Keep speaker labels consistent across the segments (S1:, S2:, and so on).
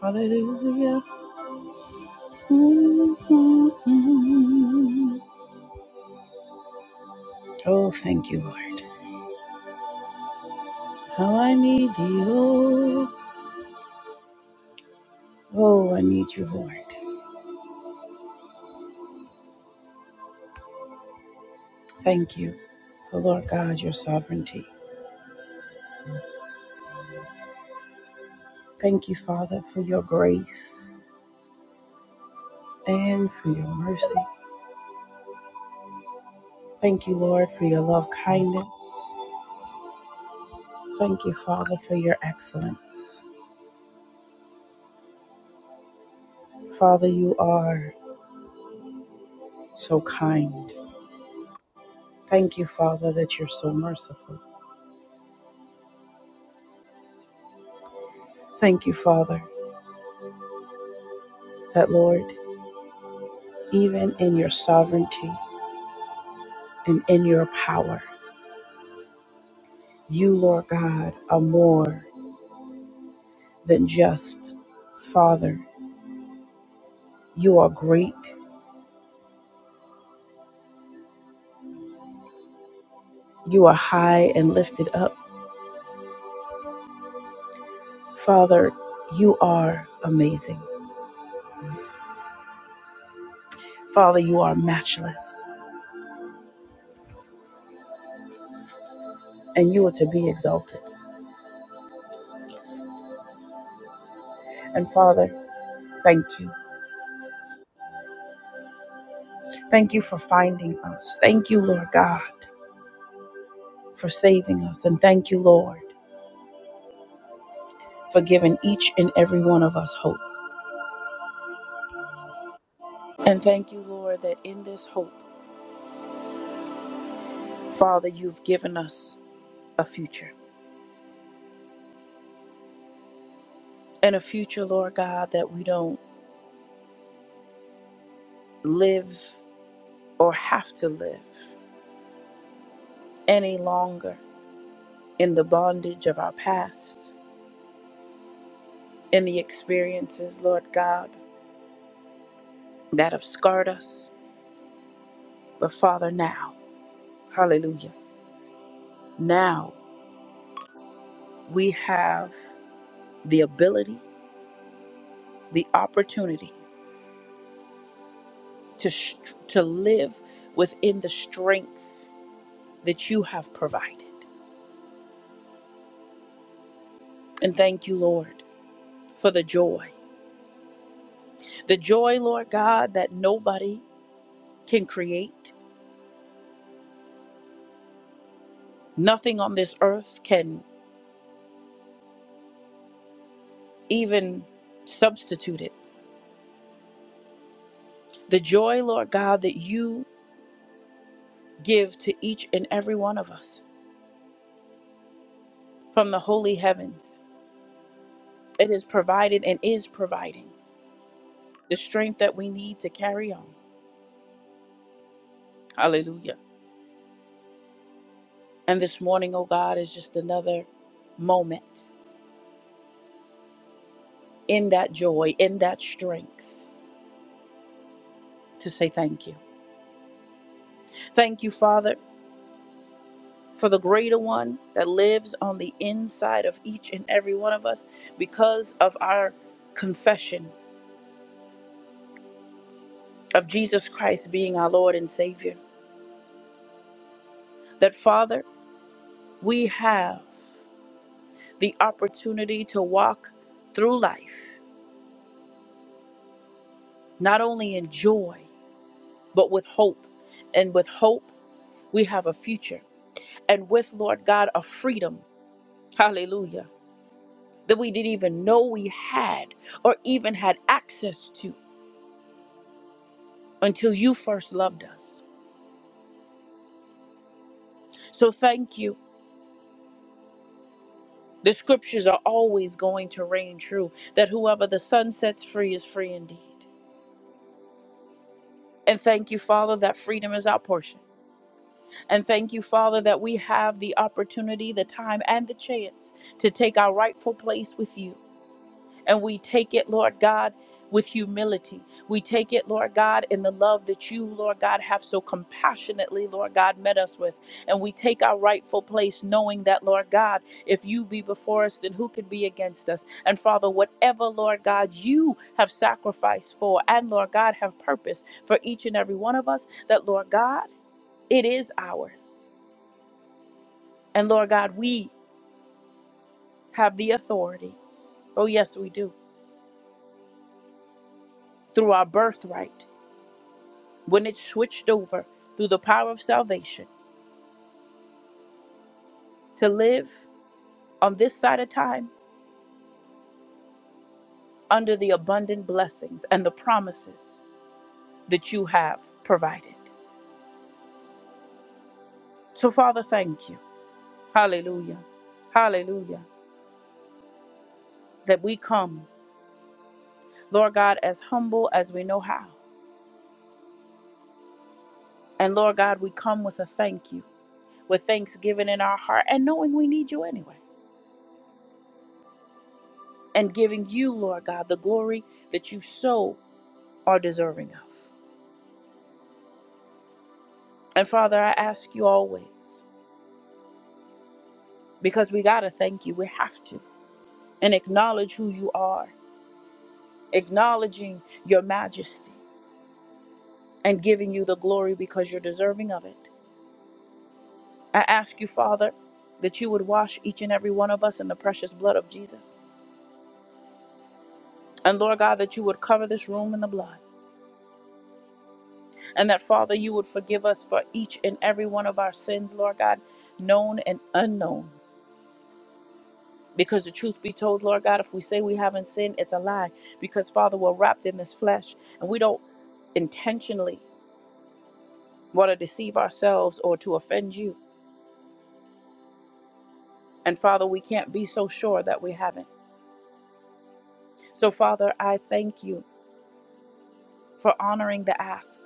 S1: Hallelujah. Mm-hmm. Oh, thank you, Lord. How I need thee, oh, oh, I need you, Lord. Thank you for, Lord God, your sovereignty. Thank you, Father, for your grace and for your mercy. Thank you, Lord, for your love kindness. Thank you, Father, for your excellence. Father, you are so kind. Thank you, Father, that you're so merciful. Thank you, Father, that, Lord, even in your sovereignty and in your power. You, Lord God, are more than just. Father, you are great. You are high and lifted up. Father, you are amazing. Father, you are matchless and you are to be exalted. And Father, thank you. Thank you for finding us. Thank you, Lord God, for saving us. And thank you, Lord, for giving each and every one of us hope. And thank you, Lord, that in this hope, Father, you've given us a future. And a future, Lord God, that we don't live or have to live any longer in the bondage of our past, in the experiences, Lord God, that have scarred us. But Father, now, hallelujah, now we have the ability, the opportunity to, str- to live within the strength that you have provided. And thank you, Lord, for the joy. The joy, Lord God, that nobody can create, nothing on this earth can even substitute it. The joy, Lord God, that you give to each and every one of us from the holy heavens. It is provided and is providing the strength that we need to carry on. Hallelujah. And this morning, oh God, is just another moment in that joy, in that strength to say thank you. Thank you, Father for the greater one that lives on the inside of each and every one of us because of our confession of Jesus Christ being our Lord and Savior. That, Father, we have the opportunity to walk through life, not only in joy, but with hope. And with hope, we have a future. And with, Lord God, a freedom. Hallelujah. That we didn't even know we had or even had access to until you first loved us. So thank you. The scriptures are always going to reign true that whoever the sun sets free is free indeed. And thank you, Father, that freedom is our portion. And thank you, Father, that we have the opportunity, the time, and the chance to take our rightful place with you. And we take it, Lord God, with humility. We take it, Lord God, in the love that you, Lord God, have so compassionately, Lord God, met us with. And we take our rightful place, knowing that, Lord God, if you be before us, then who can be against us? And Father, whatever, Lord God, you have sacrificed for, and Lord God, have purpose for each and every one of us, that, Lord God, it is ours. And Lord God, we have the authority. Oh, yes, we do. Through our birthright. when it switched over through the power of salvation to live on this side of time under the abundant blessings and the promises that you have provided. So, Father, thank you. Hallelujah. Hallelujah. That we come, Lord God, as humble as we know how. And Lord God, we come with a thank you, with thanksgiving in our heart and knowing we need you anyway. And giving you, Lord God, the glory that you so are deserving of. And Father, I ask you always because we got to thank you. We have to. And acknowledge who you are, acknowledging your majesty and giving you the glory because you're deserving of it. I ask you, Father, that you would wash each and every one of us in the precious blood of Jesus. And Lord God, that you would cover this room in the blood. And that, Father, you would forgive us for each and every one of our sins, Lord God, known and unknown. Because the truth be told, Lord God, if we say we haven't sinned, it's a lie. Because, Father, we're wrapped in this flesh and we don't intentionally Want to deceive ourselves or to offend you. And Father, we can't be so sure that we haven't. So, Father, I thank you for honoring the ask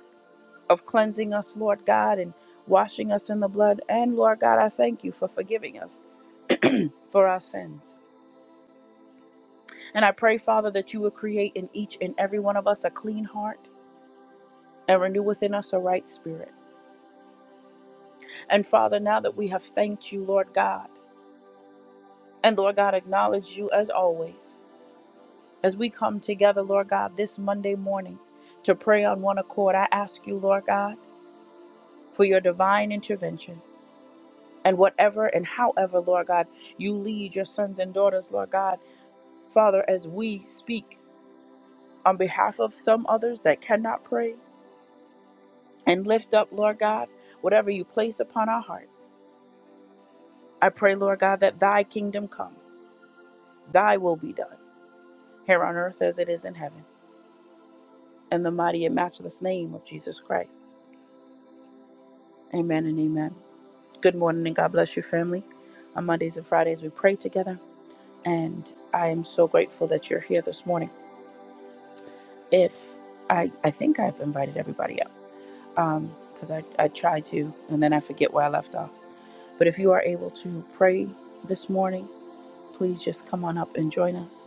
S1: of cleansing us, Lord God, and washing us in the blood. And Lord God, I thank you for forgiving us for our sins. And I pray, Father, that you would create in each and every one of us a clean heart and renew within us a right spirit. And Father, now that we have thanked you, Lord God, and Lord God, acknowledge you as always. As we come together, Lord God, this Monday morning to pray on one accord, I ask you, Lord God, for your divine intervention. And whatever and however, Lord God, you lead your sons and daughters, Lord God, Father, as we speak on behalf of some others that cannot pray and lift up, Lord God, whatever you place upon our hearts. I pray, Lord God, that thy kingdom come, thy will be done, here on earth as it is in heaven. In the mighty and matchless name of Jesus Christ. Amen and amen. Good morning and God bless your family. On Mondays and Fridays, we pray together, and I am so grateful that you're here this morning. If I, I think I've invited everybody up um, because I, I try to, and then I forget where I left off. But if you are able to pray this morning, please just come on up and join us.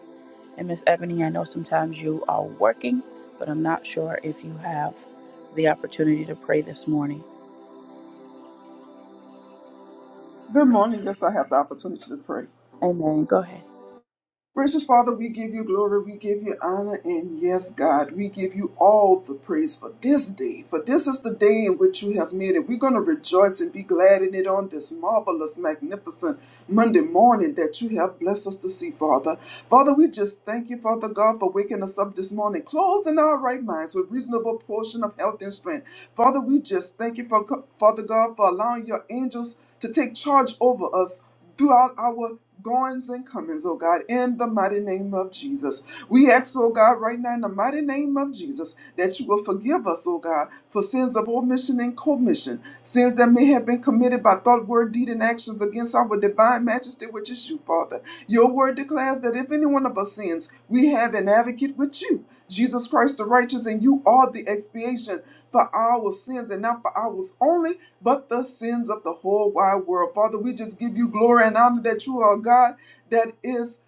S1: And Miss Ebony, I know sometimes you are working, but I'm not sure if you have the opportunity to pray this morning.
S2: Good morning. Yes, I have the opportunity to pray.
S1: Amen. Go ahead.
S2: Gracious Father, we give you glory, we give you honor, and yes, God, we give you all the praise for this day. For this is the day in which you have made it. We're going to rejoice and be glad in it on this marvelous, magnificent Monday morning that you have blessed us to see, Father. Father, we just thank you, Father God, for waking us up this morning, closed in our right minds with reasonable portion of health and strength. Father, we just thank you, for Father God, for allowing your angels to take charge over us throughout our goings and comings, oh God, in the mighty name of Jesus. We ask, oh God, right now in the mighty name of Jesus, that you will forgive us, oh God, for sins of omission and commission, sins that may have been committed by thought, word, deed, and actions against our divine majesty, which is you, Father. Your word declares that if any one of us sins, we have an advocate with you, Jesus Christ the righteous, and you are the expiation for our sins and not for ours only, but the sins of the whole wide world. Father, we just give you glory and honor that you are God that is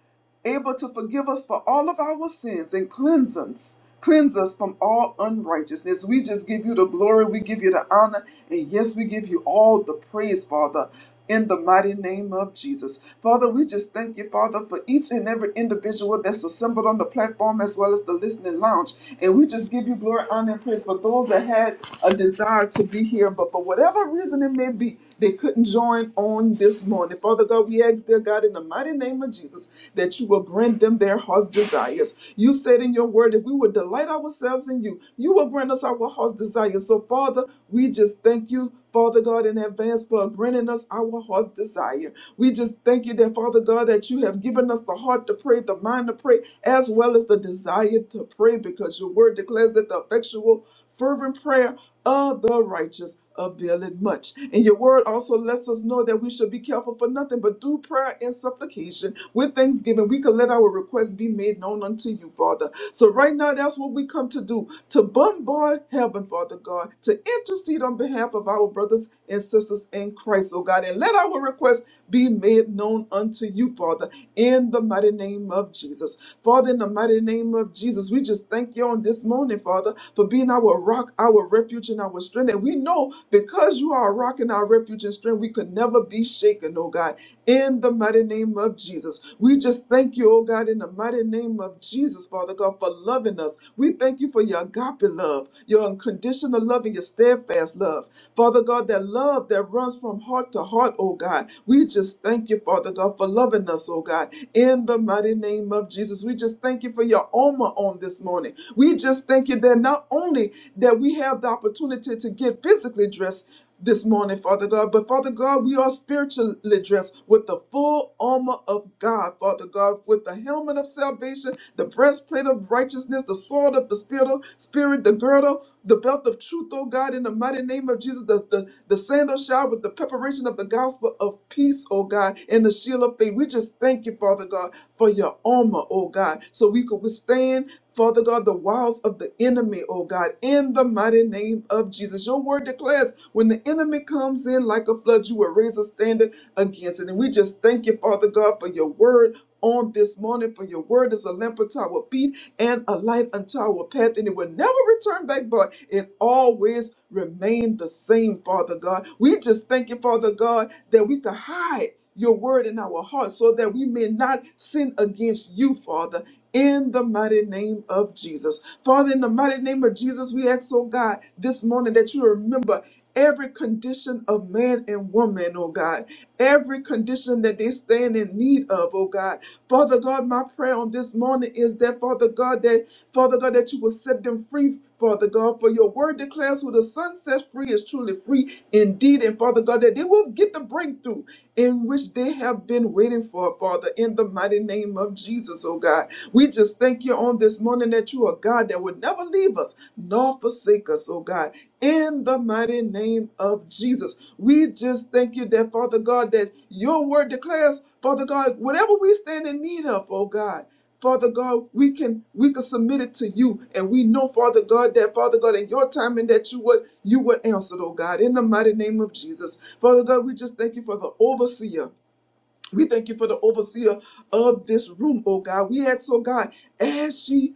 S2: able to forgive us for all of our sins and cleanse us, cleanse us from all unrighteousness. We just give you the glory, we give you the honor, and yes, we give you all the praise, Father in the mighty name of Jesus. Father, we just thank you, Father, for each and every individual that's assembled on the platform as well as the listening lounge. And we just give you glory, honor, and praise for those that had a desire to be here, but for whatever reason it may be, they couldn't join on this morning. Father God, we ask, dear God, in the mighty name of Jesus, that you will grant them their heart's desires. You said in your word, if we would delight ourselves in you, you will grant us our heart's desires. So, Father, we just thank you Father God, in advance for granting us our heart's desire. We just thank you that, Father God, that you have given us the heart to pray, the mind to pray, as well as the desire to pray, because your word declares that the effectual, fervent prayer of the righteous availeth much. And your word also lets us know that we should be careful for nothing but through prayer and supplication with thanksgiving. We can let our requests be made known unto you, Father. So right now, that's what we come to do to bombard heaven, Father. Father God, to intercede on behalf of our brothers and sisters in Christ, oh God. And let our requests be made known unto you, Father, in the mighty name of Jesus. Father, in the mighty name of Jesus, we just thank you on this morning, Father, for being our rock, our refuge, and our strength. And we know because you are a rock and our refuge and strength, we could never be shaken, oh God in the mighty name of Jesus. We just thank you, oh God, in the mighty name of Jesus, Father God, for loving us. We thank you for your agape love, your unconditional love, and your steadfast love. Father God, that love that runs from heart to heart, oh God. We just thank you, Father God, for loving us, oh God, in the mighty name of Jesus. We just thank you for your armor on this morning. We just thank you that not only that we have the opportunity to get physically dressed, this morning, Father God. But Father God, we are spiritually dressed with the full armor of God, Father God, with the helmet of salvation, the breastplate of righteousness, the sword of the spirit, spirit, the girdle, the belt of truth, oh God, in the mighty name of Jesus, the, the, the sandal shod with the preparation of the gospel of peace, oh God, and the shield of faith. We just thank you, Father God, for your armor, oh God, so we could withstand Father God, the wiles of the enemy, oh God, in the mighty name of Jesus. Your word declares when the enemy comes in like a flood, you will raise a standard against it. And we just thank you, Father God, for your word. On this morning, for your word is a lamp unto our feet and a light unto our path, and it will never return back, but it always remain the same, Father God. We just thank you, Father God, that we can hide your word in our hearts so that we may not sin against you, Father in the mighty name of Jesus. Father, in the mighty name of Jesus, we ask, oh God, this morning that you remember every condition of man and woman, oh God, every condition that they stand in need of, oh God. Father God, my prayer on this morning is that, Father God, that Father God, that you will set them free Father God, for your word declares who the Son sets free is truly free indeed. And Father God, that they will get the breakthrough in which they have been waiting for, Father, in the mighty name of Jesus, oh God. We just thank you on this morning that you are God that would never leave us nor forsake us, oh God. In the mighty name of Jesus, we just thank you that, Father God, that your word declares, Father God, whatever we stand in need of, oh God. Father God, we can we can submit it to you. And we know, Father God, that Father God, in your timing that you would you would answer, oh God, in the mighty name of Jesus. Father God, we just thank you for the overseer. We thank you for the overseer of this room, oh God. We ask, oh God, as she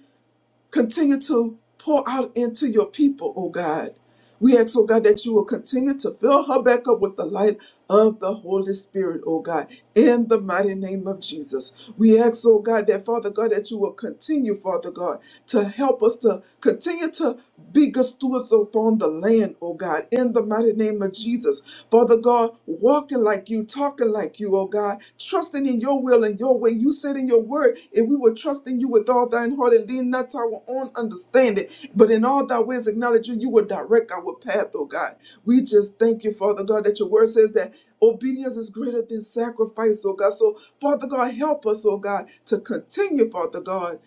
S2: Continue to pour out into your people, oh God. We ask, oh God, that you will continue to fill her back up with the light of the Holy Spirit, oh God, in the mighty name of Jesus. We ask, oh God, that Father God, that you will continue, Father God, to help us to continue to be good stewards upon the land, oh God, in the mighty name of Jesus. Father God, Lord, walking like you, talking like you, oh God, trusting in your will and your way. You said in your word, if we were trusting you with all thine heart and lean not to our own understanding, but in all thy ways acknowledge you, you will direct our path, oh God. We just thank you, Father God, that your word says that obedience is greater than sacrifice, oh God. So, Father God, help us, oh God, to continue, Father God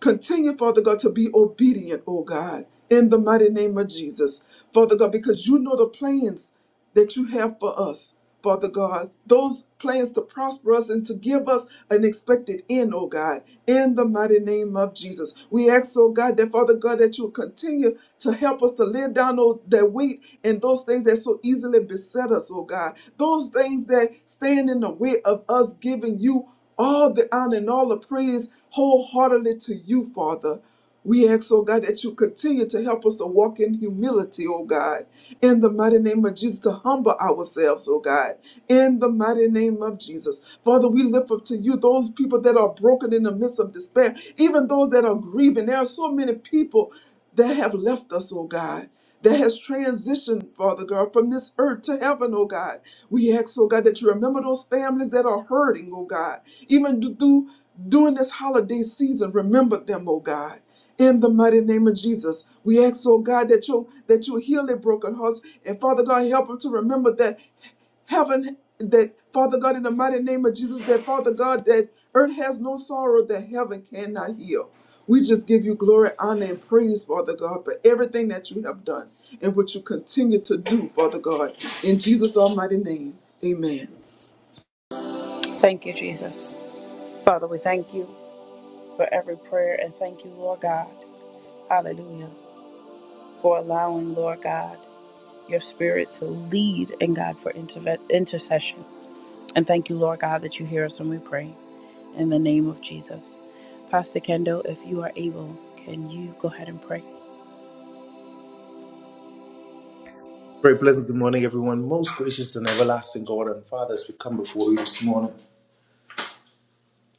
S2: Continue, Father God, to be obedient, oh God, in the mighty name of Jesus. Father God, because you know the plans that you have for us, Father God. Those plans to prosper us and to give us an expected end, oh God, in the mighty name of Jesus. We ask, oh God, that Father God, that you will continue to help us to lay down oh, that weight and those things that so easily beset us, oh God. Those things that stand in the way of us giving you all the honor and all the praise wholeheartedly to you, Father. We ask, oh God, that you continue to help us to walk in humility, oh God, in the mighty name of Jesus, to humble ourselves, oh God, in the mighty name of Jesus. Father, we lift up to you those people that are broken in the midst of despair, even those that are grieving. There are so many people that have left us, oh God that has transitioned, Father God, from this earth to heaven, oh God. We ask, oh God, that you remember those families that are hurting, oh God. Even th- through during this holiday season, remember them, oh God. In the mighty name of Jesus, we ask, oh God, that you that you heal their broken hearts, and Father God, help them to remember that heaven that father god in the mighty name of jesus that father god that earth has no sorrow that heaven cannot heal we just give you glory honor and praise father god for everything that you have done and what you continue to do father god in jesus almighty name amen
S1: Thank you, Jesus. Father, we thank you. for every prayer and thank you, Lord God. Hallelujah. For allowing, Lord God, your spirit to lead and God for interve- intercession. And thank you, Lord God, that you hear us when we pray in the name of Jesus. Pastor Kendall, if you are able, can you go ahead and pray?
S3: Very blessed good morning, everyone. Most gracious and everlasting God and Father, as we come before you this morning.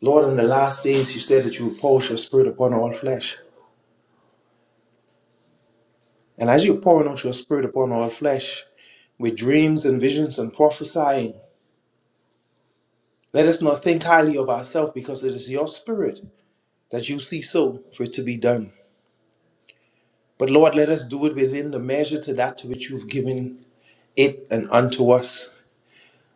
S3: Lord, in the last days, you said that you would pour out your spirit upon all flesh. And as you're pouring out your spirit upon all flesh, with dreams and visions and prophesying, let us not think highly of ourselves because it is your spirit that you see so for it to be done. But Lord, let us do it within the measure to that to which you've given it and unto us.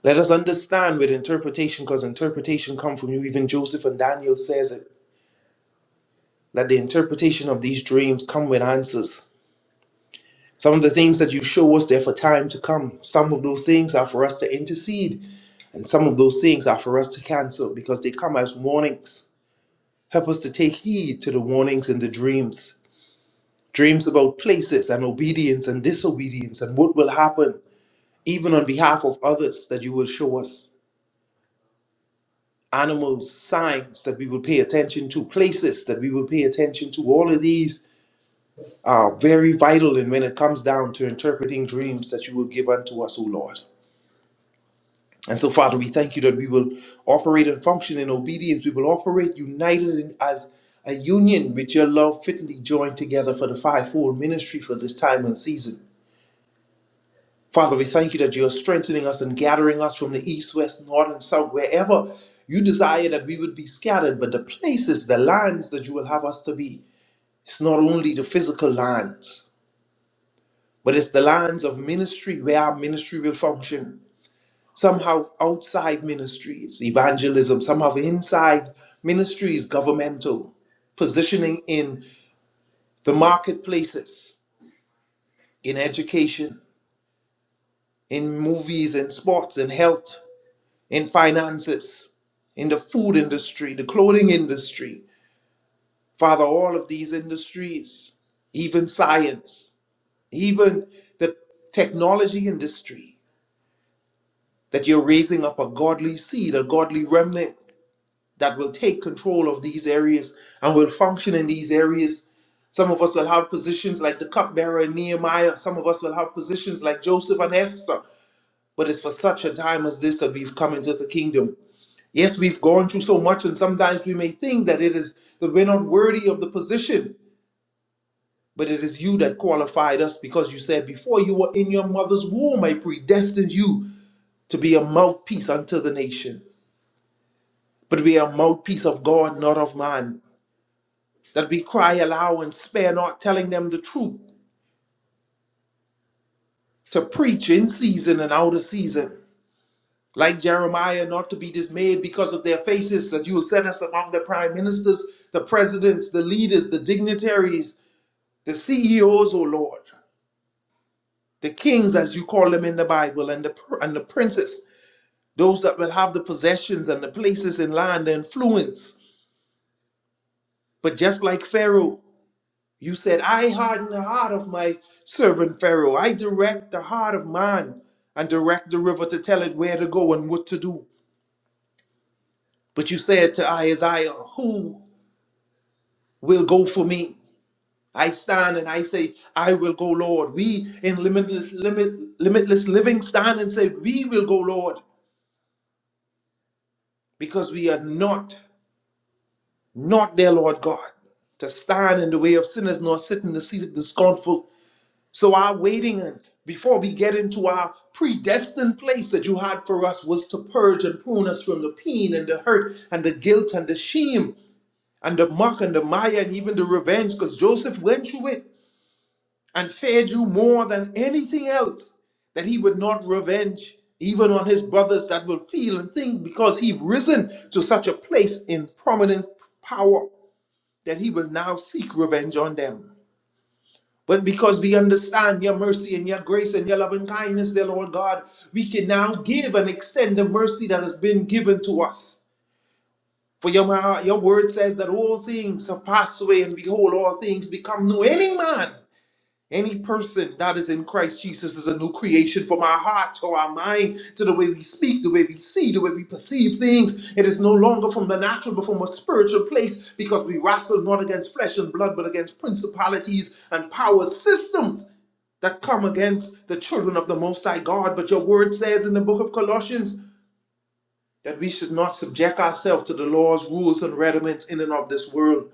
S3: Let us understand with interpretation, because interpretation comes from you. Even Joseph and Daniel says it. Let the interpretation of these dreams come with answers. Some of the things that you show us there for time to come. Some of those things are for us to intercede, and some of those things are for us to cancel because they come as warnings. Help us to take heed to the warnings in the dreams. Dreams about places and obedience and disobedience and what will happen, even on behalf of others, that you will show us. Animals, signs that we will pay attention to, places that we will pay attention to, all of these uh, very vital and when it comes down to interpreting dreams that you will give unto us, O Lord. And so, Father, we thank you that we will operate and function in obedience. We will operate united in, as a union with your love, fitly joined together for the fivefold ministry for this time and season. Father, we thank you that you are strengthening us and gathering us from the east, west, north, and south, wherever you desire that we would be scattered, but the places, the lands that you will have us to be. It's not only the physical land. But it's the lines of ministry where our ministry will function. Somehow outside ministries, evangelism, somehow inside ministries, governmental, positioning in the marketplaces, in education, in movies and sports and health, in finances, in the food industry, the clothing industry. Father, all of these industries, even science, even the technology industry, that you're raising up a godly seed, a godly remnant that will take control of these areas and will function in these areas. Some of us will have positions like the cupbearer and Nehemiah. Some of us will have positions like Joseph and Esther. But it's for such a time as this that we've come into the kingdom. Yes, we've gone through so much, and sometimes we may think that it is that we're not worthy of the position. But it is you that qualified us because you said, Before you were in your mother's womb, I predestined you to be a mouthpiece unto the nation. but we are mouthpiece of God, not of man, that we cry aloud and spare not, telling them the truth, to preach in season and out of season. Like Jeremiah, not to be dismayed because of their faces, that you will set us among the prime ministers, the presidents, the leaders, the dignitaries, the CEOs, O Lord, the kings, as you call them in the Bible, and the, and the princes, those that will have the possessions and the places in land, the influence. But just like Pharaoh, You said, I harden the heart of my servant Pharaoh. I direct the heart of man and direct the river to tell it where to go and what to do. But you said to Isaiah, Who will go for me? I stand and I say, I will go, Lord. We in limitless, limit, limitless living stand and say, We will go, Lord, because we are not, not their Lord God. To stand in the way of sinners, nor sit in the seat of the scornful. So our waiting and before we get into our predestined place that you had for us was to purge and prune us from the pain and the hurt and the guilt and the shame and the muck and the mire and even the revenge because Joseph went through it and feared you more than anything else that he would not revenge even on his brothers that will feel and think because he've risen to such a place in prominent power that he will now seek revenge on them. But because we understand your mercy and your grace and your loving kindness, dear Lord God, we can now give and extend the mercy that has been given to us. For your, ma- your word says that all things have passed away, and behold, all things become new. Any man any person that is in Christ Jesus is a new creation from our heart to our mind, to the way we speak, the way we see, the way we perceive things. It is no longer from the natural, but from a spiritual place because we wrestle not against flesh and blood, but against principalities and power systems that come against the children of the Most High God. But your word says in the book of Colossians that we should not subject ourselves to the laws, rules, and rudiments in and of this world.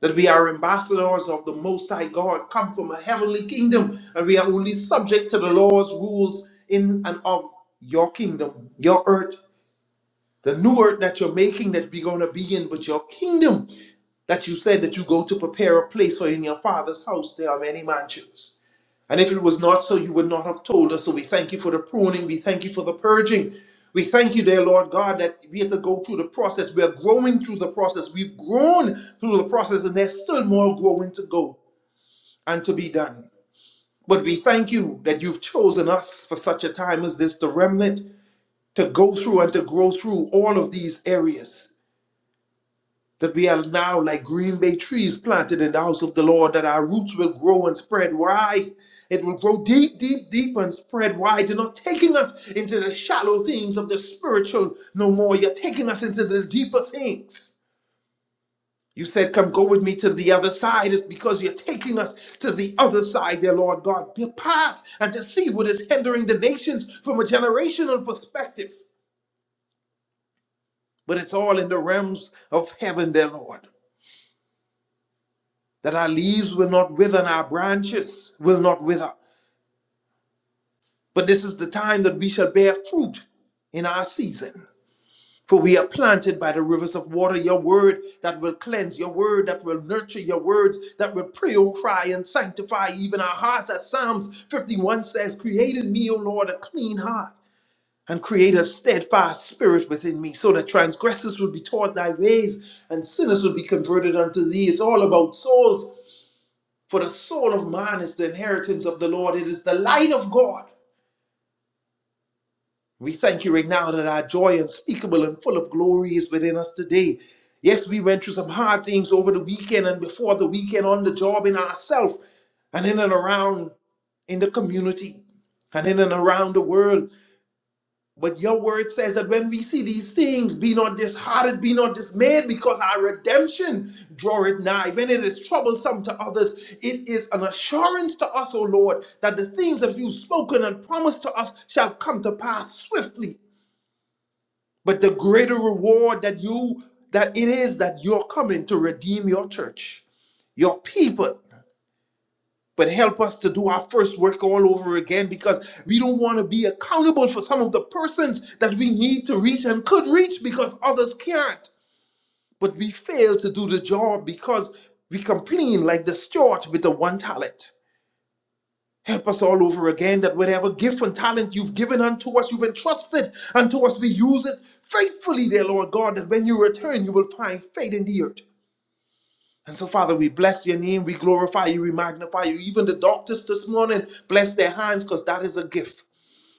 S3: That we are ambassadors of the Most High God, come from a heavenly kingdom, and we are only subject to the laws, rules in and of your kingdom, your earth, the new earth that you're making that we're going to be in, but your kingdom that you said that you go to prepare a place for in your Father's house. There are many mansions. And if it was not so, you would not have told us. So we thank you for the pruning. We thank you for the purging. We thank you, dear Lord God, that we have to go through the process. We are growing through the process. We've grown through the process, and there's still more growing to go and to be done. But we thank you that you've chosen us for such a time as this, the remnant, to go through and to grow through all of these areas that we are now like green bay trees planted in the house of the Lord, that our roots will grow and spread wide. It will grow deep, deep, deep and spread wide. You're not taking us into the shallow things of the spiritual no more. You're taking us into the deeper things. You said, Come go with me to the other side. It's because you're taking us to the other side, dear Lord God. Be past and to see what is hindering the nations from a generational perspective. But it's all in the realms of heaven, dear Lord. that our leaves will not wither and our branches will not wither. But this is the time that we shall bear fruit in our season. For we are planted by the rivers of water, your word that will cleanse, your word that will nurture, your words that will purify and sanctify even our hearts. As Psalms 51 says, Create in me, O Lord, a clean heart and create a steadfast spirit within me, so that transgressors will be taught thy ways and sinners will be converted unto thee. It's all about souls For the soul of man is the inheritance of the Lord, it is the light of God. We thank you right now that our joy, unspeakable and full of glory, is within us today. Yes, we went through some hard things over the weekend and before the weekend on the job in ourselves and in and around in the community and in and around the world. But your word says that when we see these things, be not disheartened, be not dismayed, because our redemption draweth nigh. When it is troublesome to others, it is an assurance to us, O Lord, that the things that you've spoken and promised to us shall come to pass swiftly. But the greater reward that you that it is that you're coming to redeem your church, your people but help us to do our first work all over again because we don't want to be accountable for some of the persons that we need to reach and could reach because others can't. But we fail to do the job because we complain like the steward with the one talent. Help us all over again that whatever gift and talent you've given unto us, you've entrusted unto us, we use it faithfully, dear Lord God, that when you return, you will find faith in the earth. And so, Father, we bless your name, we glorify you, we magnify you. Even the doctors this morning, bless their hands because that is a gift.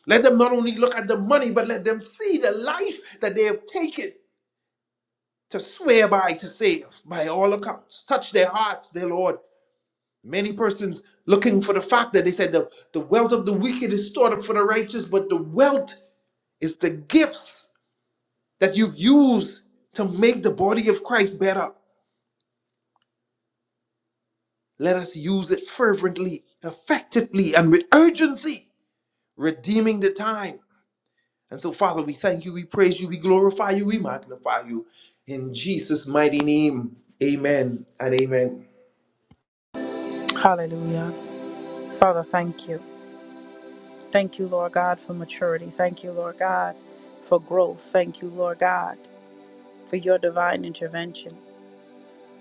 S3: Let them not only look at the money, but let them see the life that they have taken to swear by, to save, by all accounts. Touch their hearts, dear Lord. Many persons looking for the fact that they said the, the wealth of the wicked is stored up for the righteous, but the wealth is the gifts that you've used to make the body of Christ better. Let us use it fervently, effectively, and with urgency, redeeming the time. And so, Father, we thank you, we praise you, we glorify you, we magnify you. In Jesus' mighty name, amen and amen.
S1: Hallelujah. Father, thank you. Thank you, Lord God, for maturity. Thank you, Lord God, for growth. Thank you, Lord God, for your divine intervention.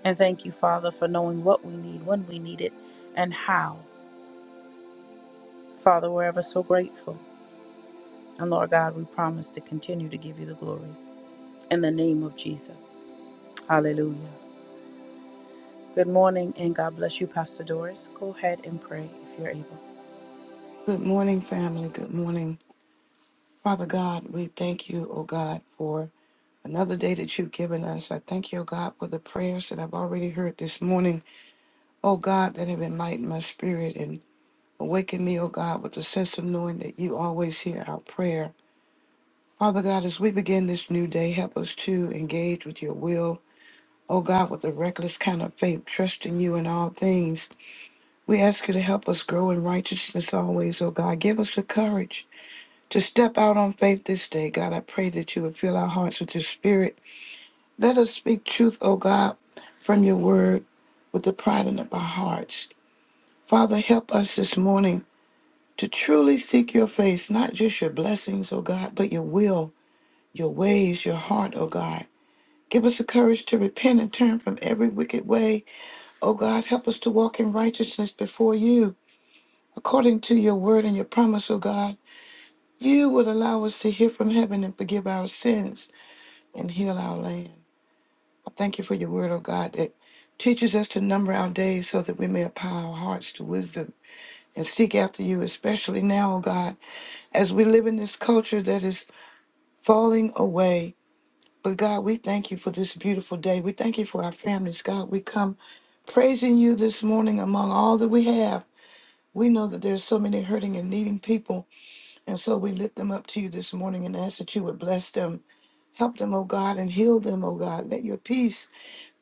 S1: And thank you, Father, for knowing what we need, when we need it, and how. Father, we're ever so grateful. And Lord God, we promise to continue to give you the glory in the name of Jesus. Hallelujah. Good morning and God bless you, Pastor Doris. Go ahead and pray if you're able.
S4: Good morning, family. Good morning. Father God, we thank you, oh God, for another day that you've given us. I thank you, oh God, for the prayers that I've already heard this morning, oh God, that have enlightened my spirit and awakened me, oh God, with the sense of knowing that you always hear our prayer. Father God, as we begin this new day, help us to engage with your will. Oh God, with a reckless kind of faith, trusting you in all things. We ask you to help us grow in righteousness always, oh God. Give us the courage to step out on faith this day. God, I pray that you would fill our hearts with your spirit. Let us speak truth, O God, from your word with the pride in our hearts. Father, help us this morning to truly seek your face, not just your blessings, O God, but your will, your ways, your heart, O God. Give us the courage to repent and turn from every wicked way. O God, help us to walk in righteousness before you, according to your word and your promise, O God. You would allow us to hear from heaven and forgive our sins. and heal our land. I thank you for your word, O God, that teaches us to number our days so that we may apply our hearts to wisdom and seek after you, especially now, O God, as we live in this culture that is falling away. But God, we thank you for this beautiful day. We thank you for our families. God, we come praising you this morning among all that we have. We know that there's so many hurting and needing people, and so we lift them up to you this morning and ask that you would bless them. Help them, O God, and heal them, O God. Let your peace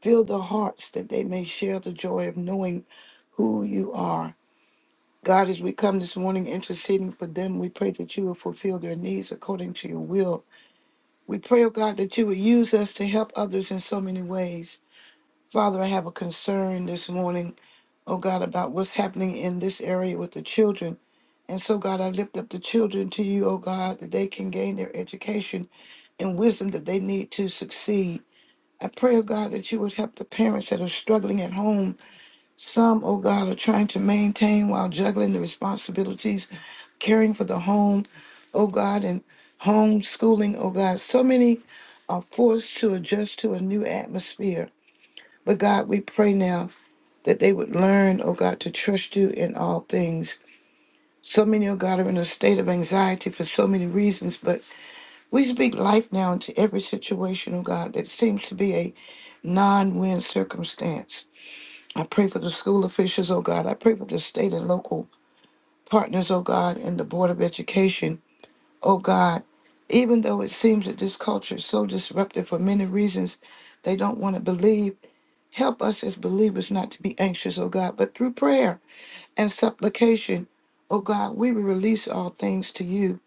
S4: Fill the hearts that they may share the joy of knowing who you are. God, as we come this morning interceding for them, we pray that you will fulfill their needs according to your will. We pray, oh God, that you would use us to help others in so many ways. Father, I have a concern this morning, oh God, about what's happening in this area with the children. And so, God, I lift up the children to you, oh God, that they can gain their education and wisdom that they need to succeed. I pray, oh God, that you would help the parents that are struggling at home Some, oh God, are trying to maintain while juggling the responsibilities, caring for the home, oh God, and homeschooling, oh God. So many are forced to adjust to a new atmosphere. But God, we pray now that they would learn, oh God, to trust you in all things. So many, oh God, are in a state of anxiety for so many reasons, but we speak life now into every situation, oh God, that seems to be a non win circumstance. I pray for the school officials, oh God. I pray for the state and local partners, oh God, and the Board of Education, oh God. Even though it seems that this culture is so disruptive for many reasons, they don't want to believe. Help us as believers not to be anxious, oh God, but through prayer and supplication, oh God, we will release all things to you.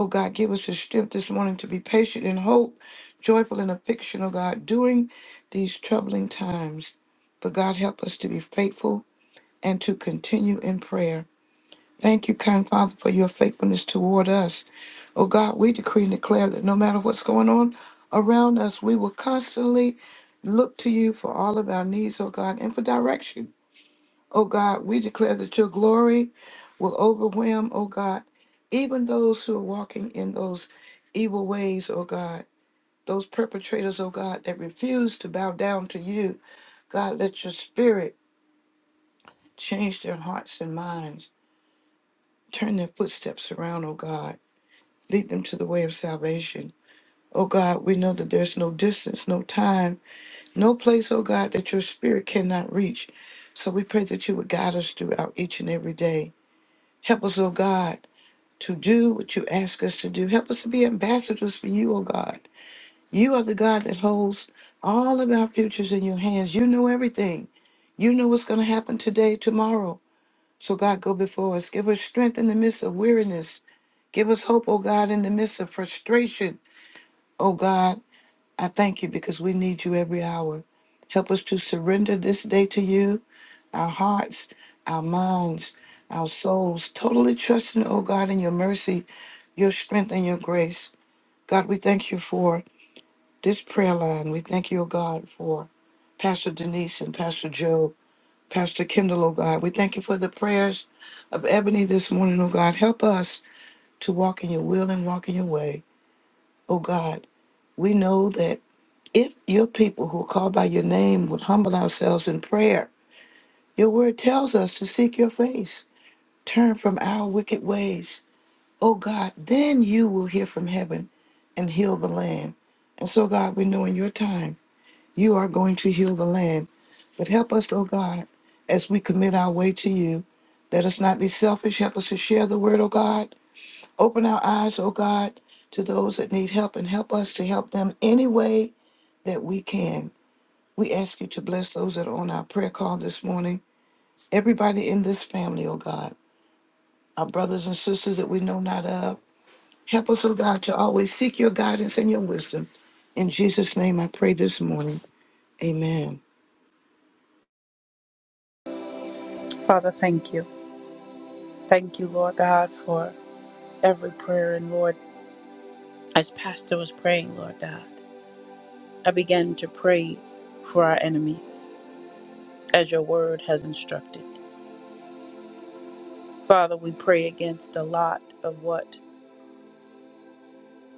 S4: Oh God, give us the strength this morning to be patient in hope, joyful in affliction, oh God, during these troubling times. But God, help us to be faithful and to continue in prayer. Thank you, kind Father, for your faithfulness toward us. Oh God, we decree and declare that no matter what's going on around us, we will constantly look to you for all of our needs, oh God, and for direction. Oh God, we declare that your glory will overwhelm, oh God, even those who are walking in those evil ways, oh God, those perpetrators, oh God, that refuse to bow down to you. God, let your spirit change their hearts and minds. Turn their footsteps around, O God. Lead them to the way of salvation. O God, we know that there's no distance, no time, no place, O God, that your spirit cannot reach. So we pray that you would guide us throughout each and every day. Help us, O God, to do what you ask us to do. Help us to be ambassadors for you, O God. You are the God that holds all of our futures in your hands. You know everything. You know what's going to happen today, tomorrow. So, God, go before us. Give us strength in the midst of weariness. Give us hope, O God, in the midst of frustration. O God, I thank you because we need you every hour. Help us to surrender this day to you, our hearts, our minds, our souls, totally trusting, O God, in your mercy, your strength, and your grace. God, we thank you for this prayer line. We thank you, O God, for Pastor Denise and Pastor Joe, Pastor Kendall, O God. We thank you for the prayers of Ebony this morning, O God. Help us to walk in your will and walk in your way. Oh God, we know that if your people who call by your name would humble ourselves in prayer, your word tells us to seek your face, turn from our wicked ways. Oh God, then you will hear from heaven and heal the land. And so, God, we know in your time you are going to heal the land. But help us, oh God, as we commit our way to you. Let us not be selfish. Help us to share the word, oh God. Open our eyes, oh God, to those that need help and help us to help them anyway that we can. We ask you to bless those that are on our prayer call this morning. Everybody in this family, oh God, our brothers and sisters that we know not of. Help us, oh God, to always seek your guidance and your wisdom. In Jesus' name, I pray this morning. Amen.
S1: Father, thank you. Thank you, Lord God, for every prayer. And Lord, as Pastor was praying, Lord God, I began to pray for our enemies as your word has instructed. Father, we pray against a lot of what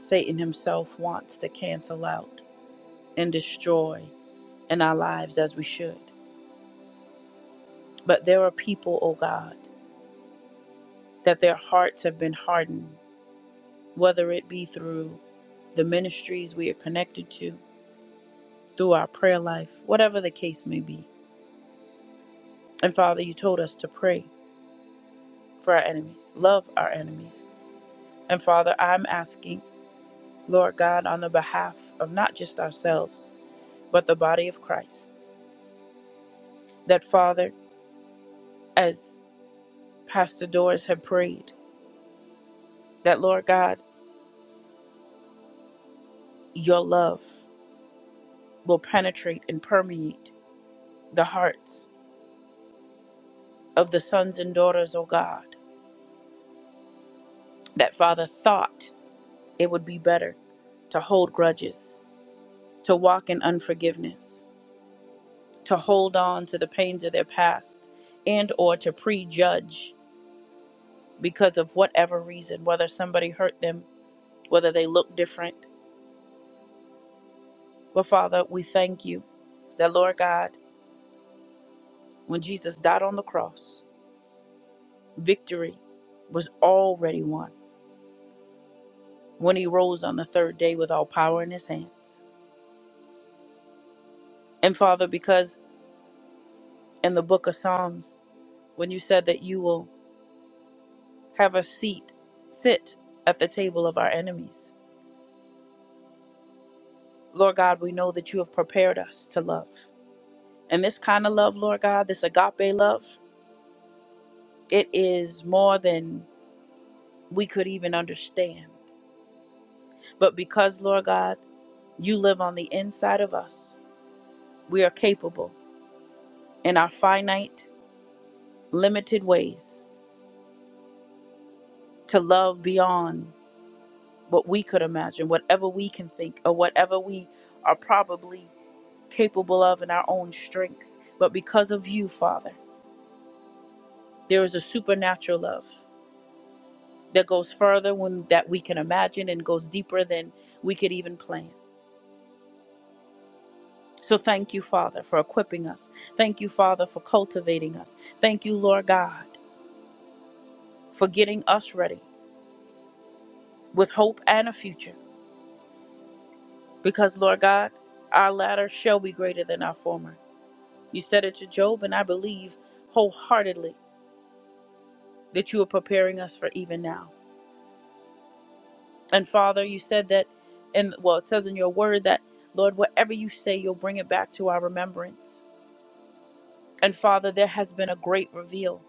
S1: Satan himself wants to cancel out and destroy. in our lives as we should. But there are people, oh God, that their hearts have been hardened, whether it be through the ministries we are connected to, through our prayer life, whatever the case may be. And Father, you told us to pray for our enemies, love our enemies. And Father, I'm asking, Lord God, on the behalf of not just ourselves, but the body of Christ, that Father, as Pastor Doris had prayed, that Lord God, your love. will penetrate and permeate the hearts of the sons and daughters, O God, that Father thought it would be better to hold grudges, to walk in unforgiveness, to hold on to the pains of their past, and or to prejudge because of whatever reason, whether somebody hurt them, whether they look different. But Father, we thank you that Lord God, when Jesus died on the cross, victory was already won when he rose on the third day with all power in his hands. And Father, because in the book of Psalms, when you said that you will have a seat, sit at the table of our enemies, Lord God, we know that you have prepared us to love. And this kind of love, Lord God, this agape love, it is more than we could even understand. But because, Lord God, you live on the inside of us, we are capable in our finite, limited ways to love beyond what we could imagine, whatever we can think, or whatever we are probably capable of in our own strength. But because of you, Father, there is a supernatural love that goes further than that we can imagine and goes deeper than we could even plan. So thank you, Father, for equipping us. Thank you, Father, for cultivating us. Thank you, Lord God, for getting us ready with hope and a future. Because, Lord God, our latter shall be greater than our former. You said it to Job, and I believe wholeheartedly that you are preparing us for even now. And Father, you said that, and well, it says in your word that, Lord, whatever you say, you'll bring it back to our remembrance. And Father, there has been a great reveal.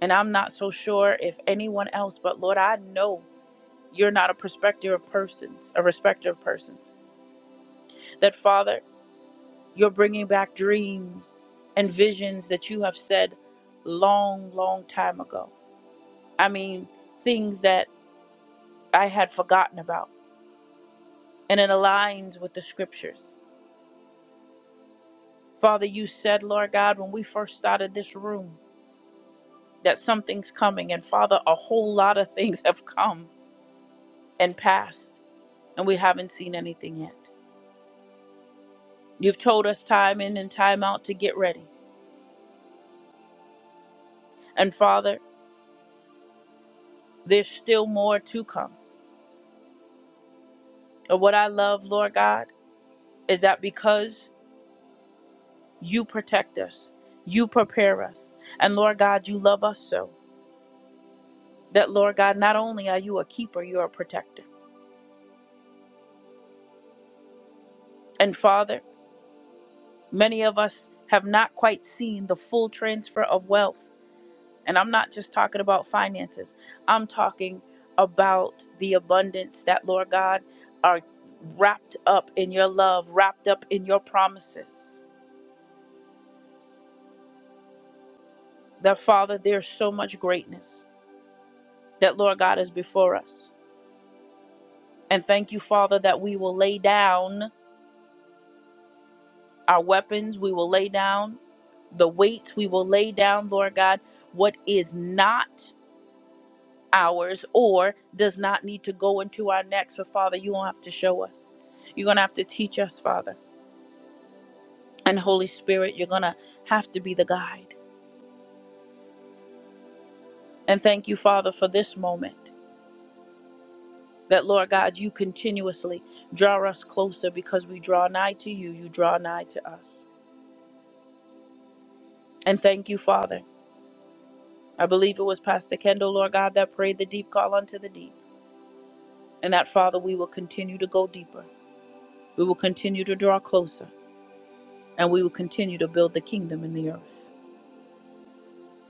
S1: And I'm not so sure if anyone else, but Lord, I know you're not a respecter of persons, a respecter of persons. That, Father, you're bringing back dreams and visions that you have said long, long time ago. I mean, things that I had forgotten about, and it aligns with the scriptures. Father, you said, Lord God, when we first started this room, that something's coming, and Father, a whole lot of things have come and passed, and we haven't seen anything yet. You've told us time in and time out to get ready, and Father, there's still more to come. And what I love, Lord God, is that because you protect us, you prepare us, and Lord God, you love us so that, Lord God, not only are you a keeper, you're a protector. And Father, many of us have not quite seen the full transfer of wealth. And I'm not just talking about finances, I'm talking about the abundance that, Lord God, are wrapped up in your love, wrapped up in your promises. That, Father, there's so much greatness that, Lord God, is before us. And thank you, Father, that we will lay down our weapons, we will lay down the weights, we will lay down, Lord God, what is not. hours or does not need to go into our next. But Father, you don't have to show us. You're going to have to teach us, Father. And Holy Spirit, you're going to have to be the guide. And thank you, Father, for this moment that, Lord God, you continuously draw us closer because we draw nigh to you, you draw nigh to us. And thank you, Father. I believe it was Pastor Kendall, Lord God, that prayed the deep call unto the deep. And that, Father, we will continue to go deeper. We will continue to draw closer. And we will continue to build the kingdom in the earth.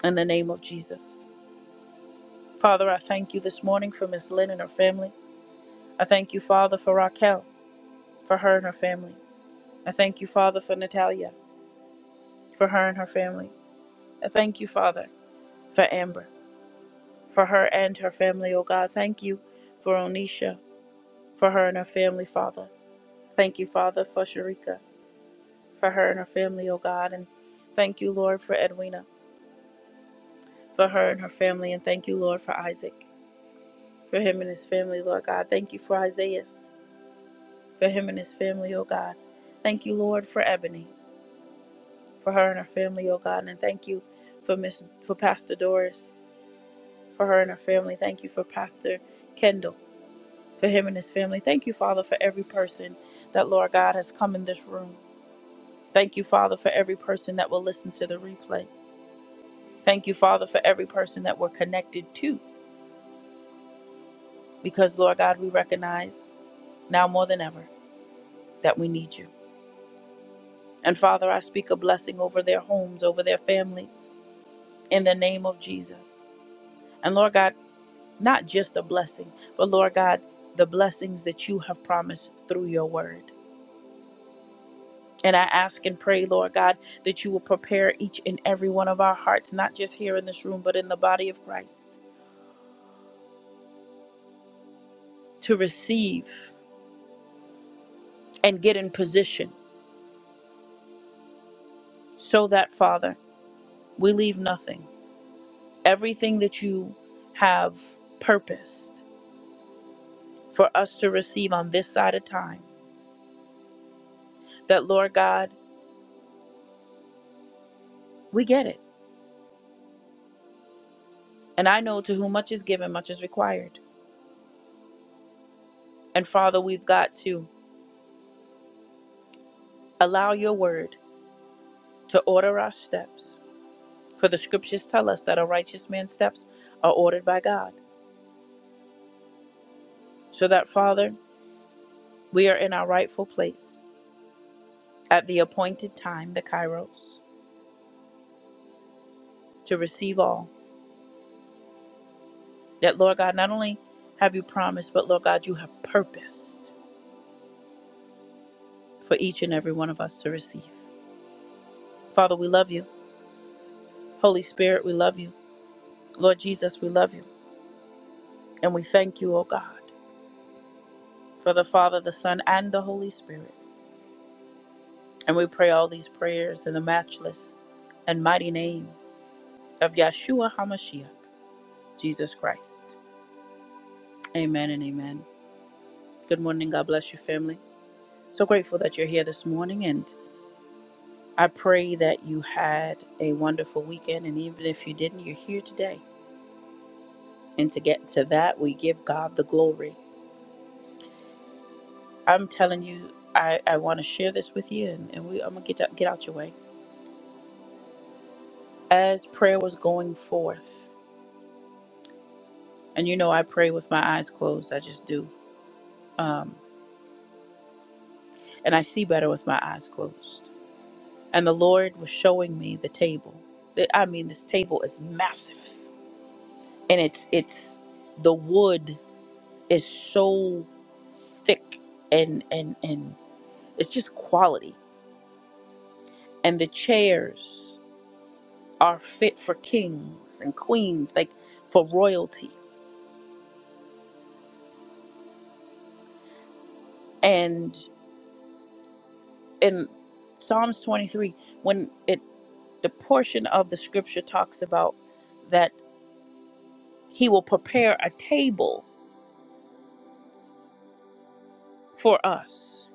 S1: in the name of Jesus. Father, I thank you this morning for Miss Lynn and her family. I thank you, Father, for Raquel, for her and her family. I thank you, Father, for Natalia, for her and her family. I thank you, Father, for Amber, for her and her family, oh God. Thank you for Onisha, for her and her family, Father. Thank you, Father, for Sharika, for her and her family, oh God. And thank you, Lord, for Edwina, for her and her family. And thank you, Lord, for Isaac, for him and his family, Lord God. Thank you for Isaiah. for him and his family, oh God. Thank you, Lord, for Ebony, for her and her family, oh God. And thank you for Miss for Pastor Doris, for her and her family. Thank you for Pastor Kendall, for him and his family. Thank you, Father, for every person that, Lord God, has come in this room. Thank you, Father, for every person that will listen to the replay. Thank you, Father, for every person that we're connected to, because, Lord God, we recognize now more than ever that we need you. And Father, I speak a blessing over their homes, over their families. in the name of Jesus. And Lord God, not just a blessing, but Lord God, the blessings that you have promised through your word. And I ask and pray, Lord God, that you will prepare each and every one of our hearts, not just here in this room, but in the body of Christ, to receive and get in position so that, Father, we leave nothing. Everything that you have purposed for us to receive on this side of time, that, Lord God, we get it And I know to whom much is given, much is required. And Father, we've got to allow your word to order our steps. For the scriptures tell us that a righteous man's steps are ordered by God. So that, Father, we are in our rightful place at the appointed time, the Kairos, to receive all. That, Lord God, not only have you promised, but, Lord God, you have purposed for each and every one of us to receive. Father, we love you. Holy Spirit, we love you. Lord Jesus, we love you. And we thank you, O God. for the Father, the Son, and the Holy Spirit. And we pray all these prayers in the matchless and mighty name of Yeshua HaMashiach, Jesus Christ. Amen and amen. Good morning. God bless you, family. So grateful that you're here this morning. And I pray that you had a wonderful weekend. And even if you didn't, you're here today. And to get to that, we give God the glory. I'm telling you, I, I want to share this with you, and, and we, I'm going to get out- get out your way. As prayer was going forth, And you know, I pray with my eyes closed. I just do. Um, and I see better with my eyes closed. And the Lord was showing me the table. I mean, this table is massive, and it's it's the wood is so thick and and and it's just quality. And the chairs are fit for kings and queens, like for royalty. And in Psalms 23, when it the portion of the scripture talks about that he will prepare a table for us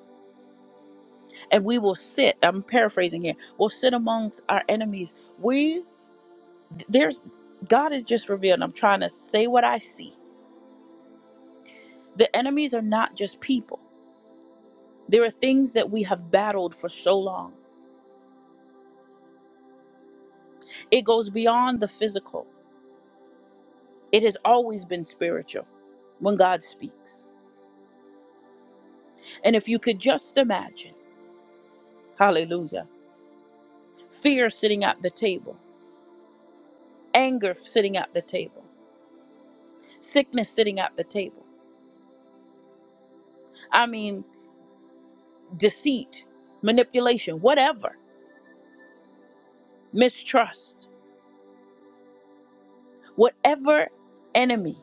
S1: and we will sit i'm paraphrasing here we'll sit amongst our enemies we there's god is just revealed and i'm trying to say what i see the enemies are not just people there are things that we have battled for so long it goes beyond the physical it has always been spiritual when god speaks and if you could just imagine hallelujah fear sitting at the table anger sitting at the table, sickness sitting at the table. I mean, deceit, manipulation, whatever, mistrust, whatever enemy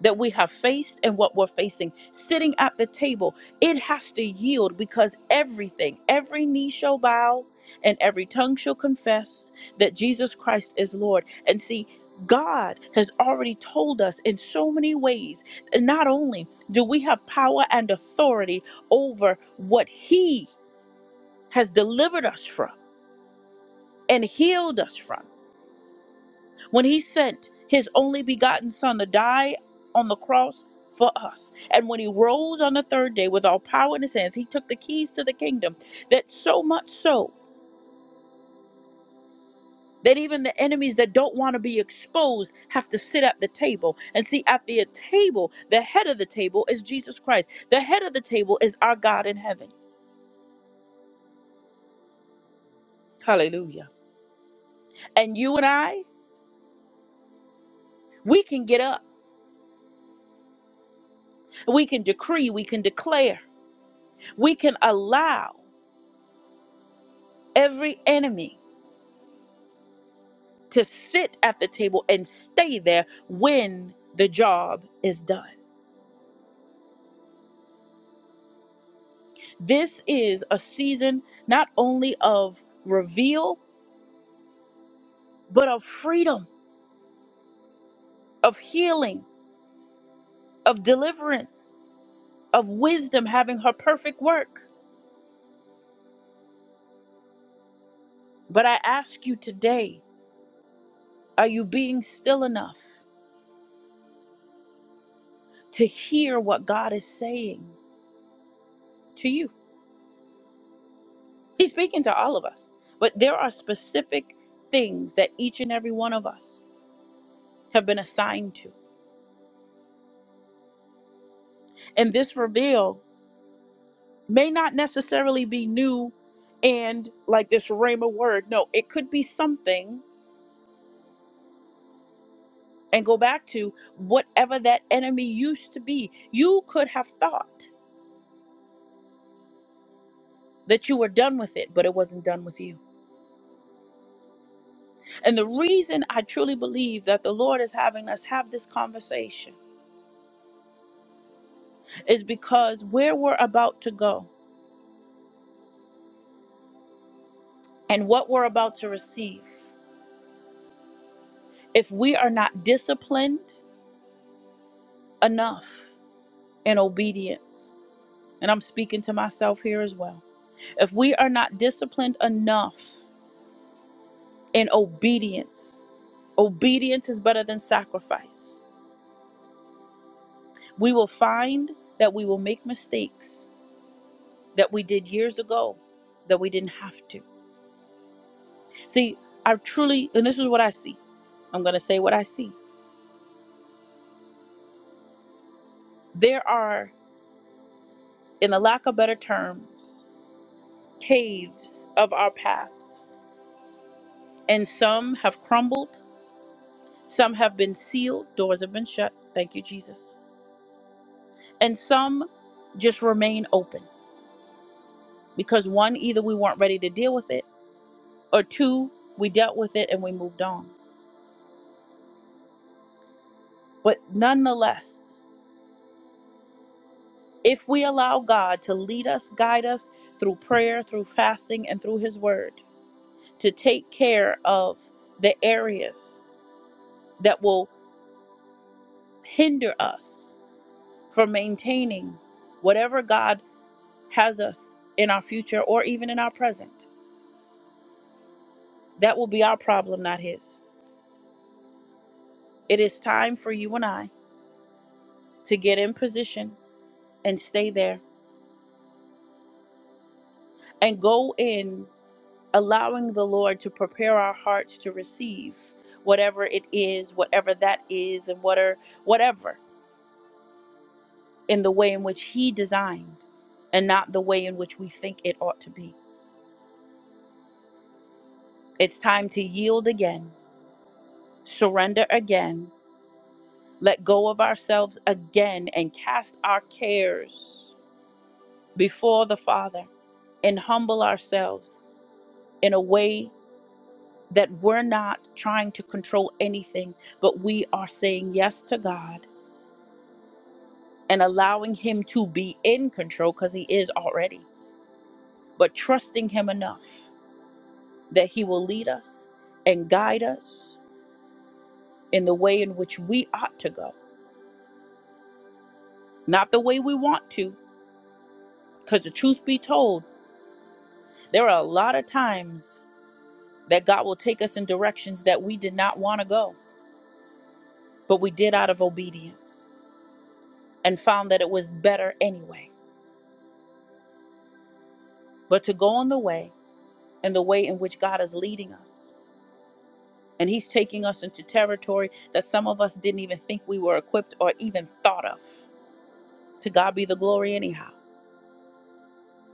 S1: that we have faced and what we're facing. Sitting at the table, it has to yield because everything, every knee shall bow and every tongue shall confess that Jesus Christ is Lord. And see, God has already told us in so many ways, not only do we have power and authority over what He has delivered us from and healed us from. when he sent his only begotten son to die on the cross for us and when he rose on the third day with all power in his hands he took the keys to the kingdom that so much so that even the enemies that don't want to be exposed have to sit at the table and see at the table the head of the table is jesus christ the head of the table is our god in heaven hallelujah and you and i we can get up we can decree we can declare we can allow every enemy to sit at the table and stay there when the job is done. This is a season not only of reveal, but of freedom, of healing, of deliverance, of wisdom having her perfect work. But I ask you today are you being still enough to hear what God is saying to you? He's speaking to all of us, but there are specific things that each and every one of us have been assigned to And this reveal may not necessarily be new and like this rhema word. No, it could be something and go back to whatever that enemy used to be. You could have thought that you were done with it, but it wasn't done with you. And the reason I truly believe that the Lord is having us have this conversation is because where we're about to go and what we're about to receive, if we are not disciplined enough in obedience, and I'm speaking to myself here as well. If we are not disciplined enough in obedience, obedience is better than sacrifice. We will find that we will make mistakes that we did years ago that we didn't have to. See, I truly, and this is what I see. I'm going to say what I see. There are, in the lack of better terms, caves of our past, and some have crumbled, some have been sealed, doors have been shut. Thank you, Jesus and some just remain open because one either we weren't ready to deal with it or two we dealt with it and we moved on but nonetheless if we allow god to lead us guide us through prayer through fasting and through his word to take care of the areas that will hinder us from maintaining whatever god has us in our future or even in our present that will be our problem not his it is time for you and i to get in position and stay there and go in allowing the Lord to prepare our hearts to receive whatever it is, whatever that is, and what are, whatever in the way in which He designed and not the way in which we think it ought to be. It's time to yield again, surrender again, let go of ourselves again, and cast our cares before the Father and humble ourselves in a way that we're not trying to control anything, but we are saying yes to God and allowing Him to be in control because He is already, but trusting Him enough that He will lead us and guide us in the way in which we ought to go, not the way we want to. Because the truth be told, there are a lot of times that God will take us in directions that we did not want to go, but we did out of obedience and found that it was better anyway. But to go on the way, and the way in which God is leading us. And He's taking us into territory that some of us didn't even think we were equipped or even thought of. To God be the glory, anyhow.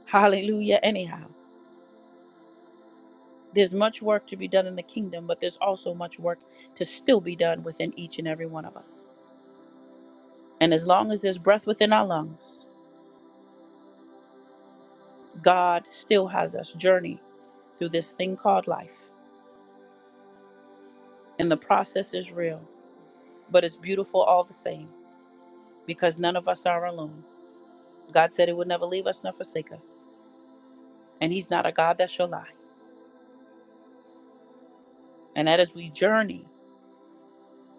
S1: Hallelujah, anyhow. There's much work to be done in the kingdom, but there's also much work to still be done within each and every one of us. And as long as there's breath within our lungs, God still has us journey through this thing called life. And the process is real, but it's beautiful all the same because none of us are alone. God said He would never leave us nor forsake us. And He's not a God that shall lie. And that as we journey,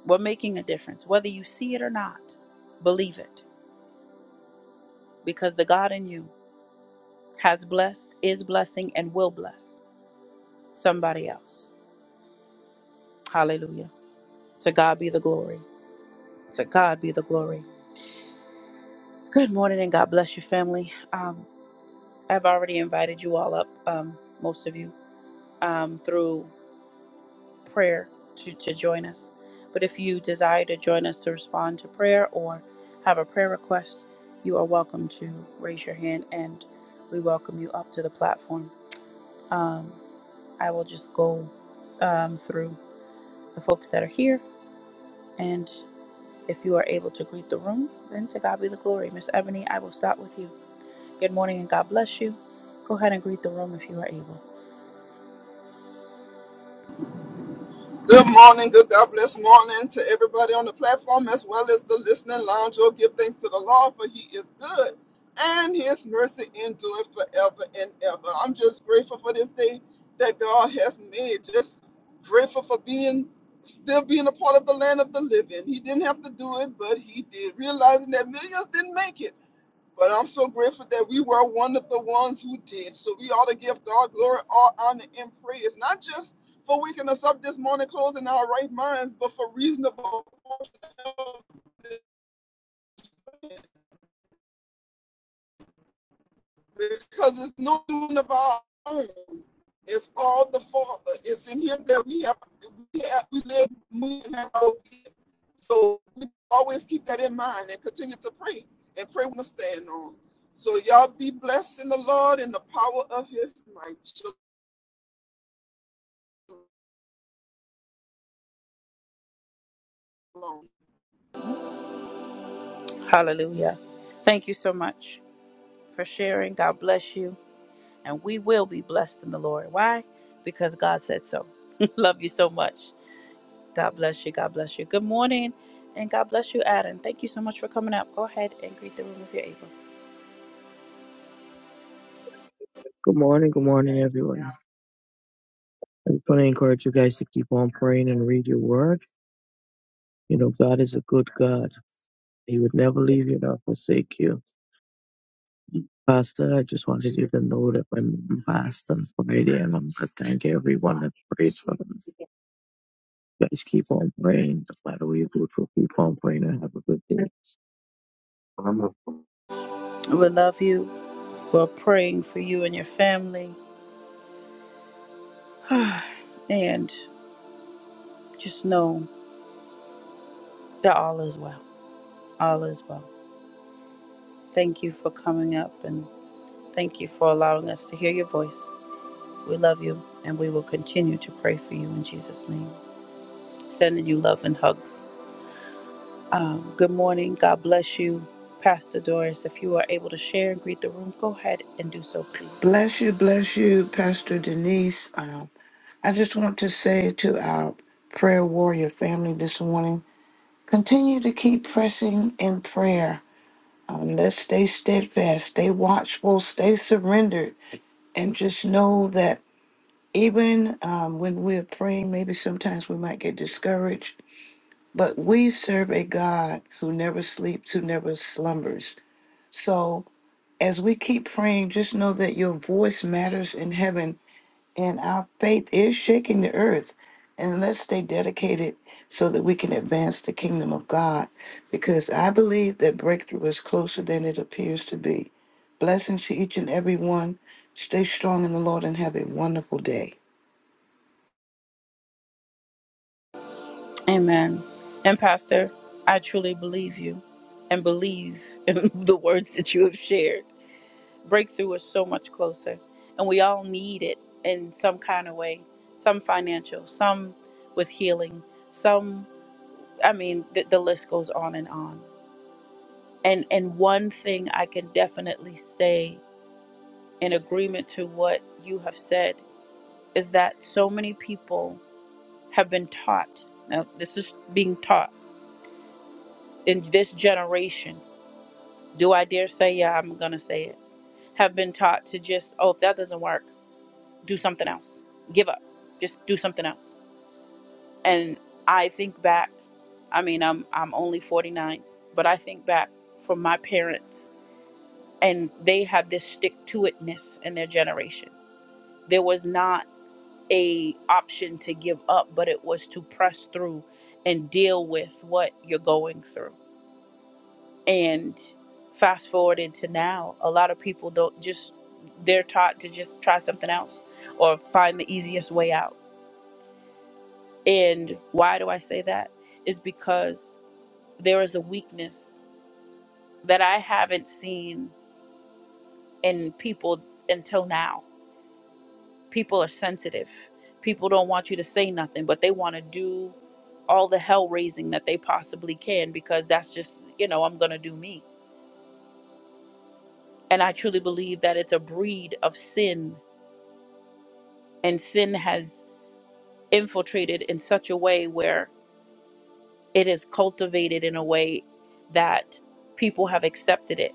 S1: we're making a difference. Whether you see it or not, believe it. Because the God in you has blessed, is blessing, and will bless somebody else. Hallelujah. To God be the glory. To God be the glory. Good morning and God bless you, family. Um, I've already invited you all up, um, most of you, um, through. prayer to, to join us. But if you desire to join us to respond to prayer or have a prayer request, you are welcome to raise your hand and we welcome you up to the platform. Um, I will just go um, through the folks that are here. And if you are able to greet the room, then to God be the glory. Miss Ebony, I will start with you. Good morning and God bless you. Go ahead and greet the room if you are able.
S2: Good morning, good God bless morning to everybody on the platform as well as the listening lounge. Oh, give thanks to the Lord for He is good and His mercy endureth forever and ever. I'm just grateful for this day that God has made. Just grateful for being still being a part of the land of the living. He didn't have to do it, but He did. Realizing that millions didn't make it but I'm so grateful that we were one of the ones who did. So we ought to give God glory, all honor, and praise, not just for waking us up this morning, closing our right minds, but for reasonable. because it's no doing of our own. It's all the Father. It's in Him that we have, we have, we live, move, and have our being. So we always keep that in mind and continue to pray and pray when we stand on. So y'all be blessed in the Lord and the power of His might. Shalom.
S1: Hallelujah. Thank you so much for sharing. God bless you. and we will be blessed in the Lord. Why? Because God said so. Love you so much. God bless you. God bless you. Good morning. And God bless you, Adam. Thank you so much for coming up. Go ahead and greet the room if you're able.
S5: Good morning, good morning, everyone. I just want to encourage you guys to keep on praying and read your word. You know, God is a good God. He would never leave you nor forsake you. Pastor, I just wanted you to know that my mom passed on Friday, and I'm going to thank everyone that prayed for them. Guys, keep on praying. No matter what you do, keep on praying and have a good day.
S1: We love you. We're praying for you and your family. and just know that all is well. All is well. Thank you for coming up and thank you for allowing us to hear your voice. We love you and we will continue to pray for you in Jesus' name. Sending you love and hugs. Um, good morning. God bless you, Pastor Doris. If you are able to share and greet the room, go ahead and do so, please.
S4: Bless you, bless you, Pastor Denise. Um, I just want to say to our prayer warrior family this morning continue to keep pressing in prayer. Um, let's stay steadfast, stay watchful, stay surrendered and just know that even um, when we're praying, maybe sometimes we might get discouraged, but we serve a God who never sleeps, who never slumbers. So as we keep praying, just know that your voice matters in heaven and our faith is shaking the earth. And let's stay dedicated so that we can advance the kingdom of God. Because I believe that breakthrough is closer than it appears to be. Blessings to each and every one. Stay strong in the Lord and have a wonderful day.
S1: Amen. And Pastor, I truly believe you and believe in the words that you have shared. Breakthrough is so much closer, and we all need it in some kind of way some financial, some with healing, some, I mean, the, the list goes on and on. And, and one thing I can definitely say in agreement to what you have said is that so many people have been taught. Now, this is being taught in this generation. Do I dare say, yeah, I'm going to say it, have been taught to just, oh, if that doesn't work, do something else. Give up. Just do something else. And I think back, I mean, I'm, I'm only 49, but I think back from my parents, and they had this stick to itness in their generation. There was not a option to give up, but it was to press through and deal with what you're going through. And fast forward into now, a lot of people don't just they're taught to just try something else or find the easiest way out. And why do I say that? Is because there is a weakness that I haven't seen in people until now people are sensitive. People don't want you to say nothing, but they want to do all the hell raising that they possibly can because that's just, you know, I'm going to do me. And I truly believe that it's a breed of sin. And sin has infiltrated in such a way where it is cultivated in a way that people have accepted it.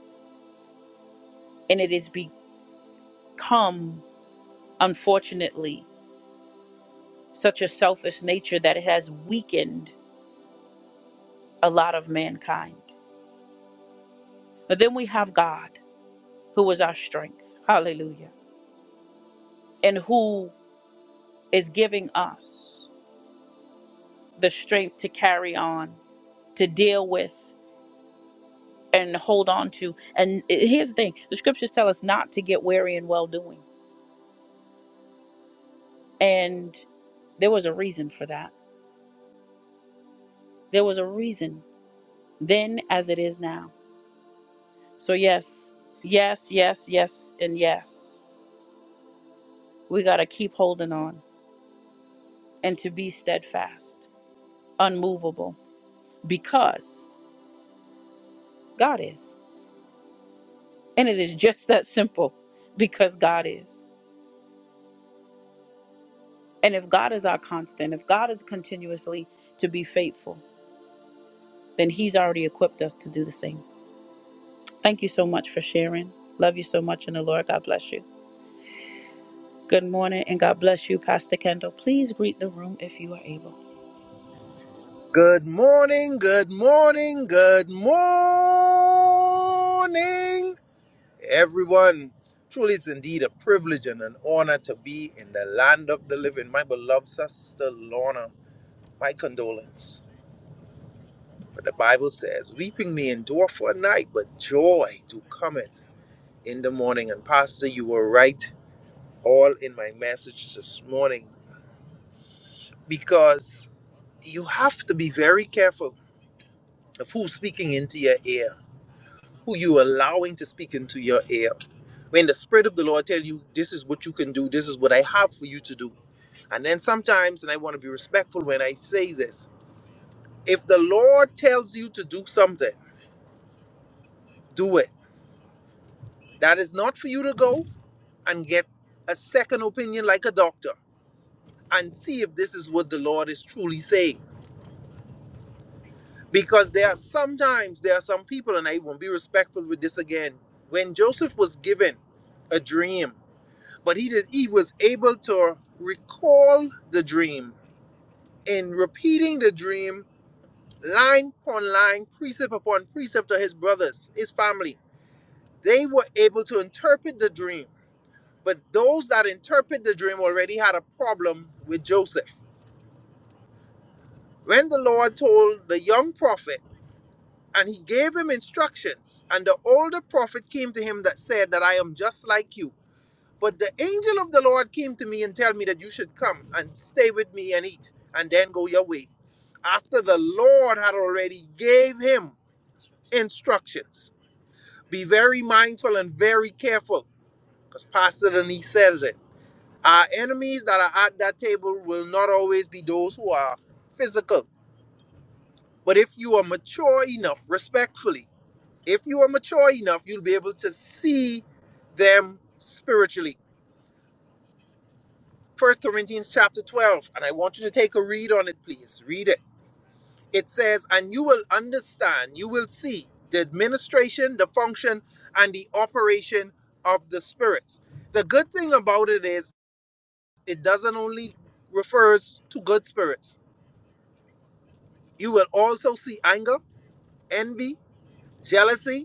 S1: And it has become, unfortunately, such a selfish nature that it has weakened a lot of mankind. But then we have God. who is our strength. Hallelujah. And who is giving us the strength to carry on, to deal with, and hold on to. And here's the thing the scriptures tell us not to get weary in well doing. And there was a reason for that. There was a reason then as it is now. So, yes, yes, yes, yes, and yes. We got to keep holding on and to be steadfast, unmovable, because God is. And it is just that simple because God is. And if God is our constant, if God is continuously to be faithful, then He's already equipped us to do the same. Thank you so much for sharing. Love you so much in the Lord. God bless you. Good morning and God bless you, Pastor Kendall. Please greet the room if you are able.
S3: Good morning, good morning, good morning, everyone. Truly, it's indeed a privilege and an honor to be in the land of the living. My beloved sister Lorna, my condolence. But the Bible says, Weeping may endure for a night, but joy do cometh in the morning. And Pastor, you were right all in my message this morning because you have to be very careful of who's speaking into your ear, who you allowing to speak into your ear. When the Spirit of the Lord tell you, this is what you can do, this is what I have for you to do. And then sometimes, and I want to be respectful when I say this, if the Lord tells you to do something, do it. That is not for you to go. and get a second opinion like a doctor and see if this is what the Lord is truly saying. Because there are sometimes there are some people, and I won't be respectful with this again. When Joseph was given a dream, but he did he was able to recall the dream in repeating the dream line upon line, precept upon precept to his brothers, his family. They were able to interpret the dream. But those that interpret the dream already had a problem with Joseph When the Lord told the young prophet, and he gave him instructions, and the older prophet came to him that said that I am just like you. But the angel of the Lord came to me and tell me that you should come and stay with me and eat, and then go your way. After the Lord had already gave him instructions. Be very mindful and very careful, because Pastor Denise says it. Our enemies that are at that table will not always be those who are physical But if you are mature enough, respectfully, if you are mature enough, you'll be able to see them spiritually. First Corinthians chapter 12, and I want you to take a read on it, please. Read it. It says, And you will understand, you will see the administration, the function, and the operation of the spirits. The good thing about it is it doesn't only refers to good spirits. You will also see anger, envy, jealousy,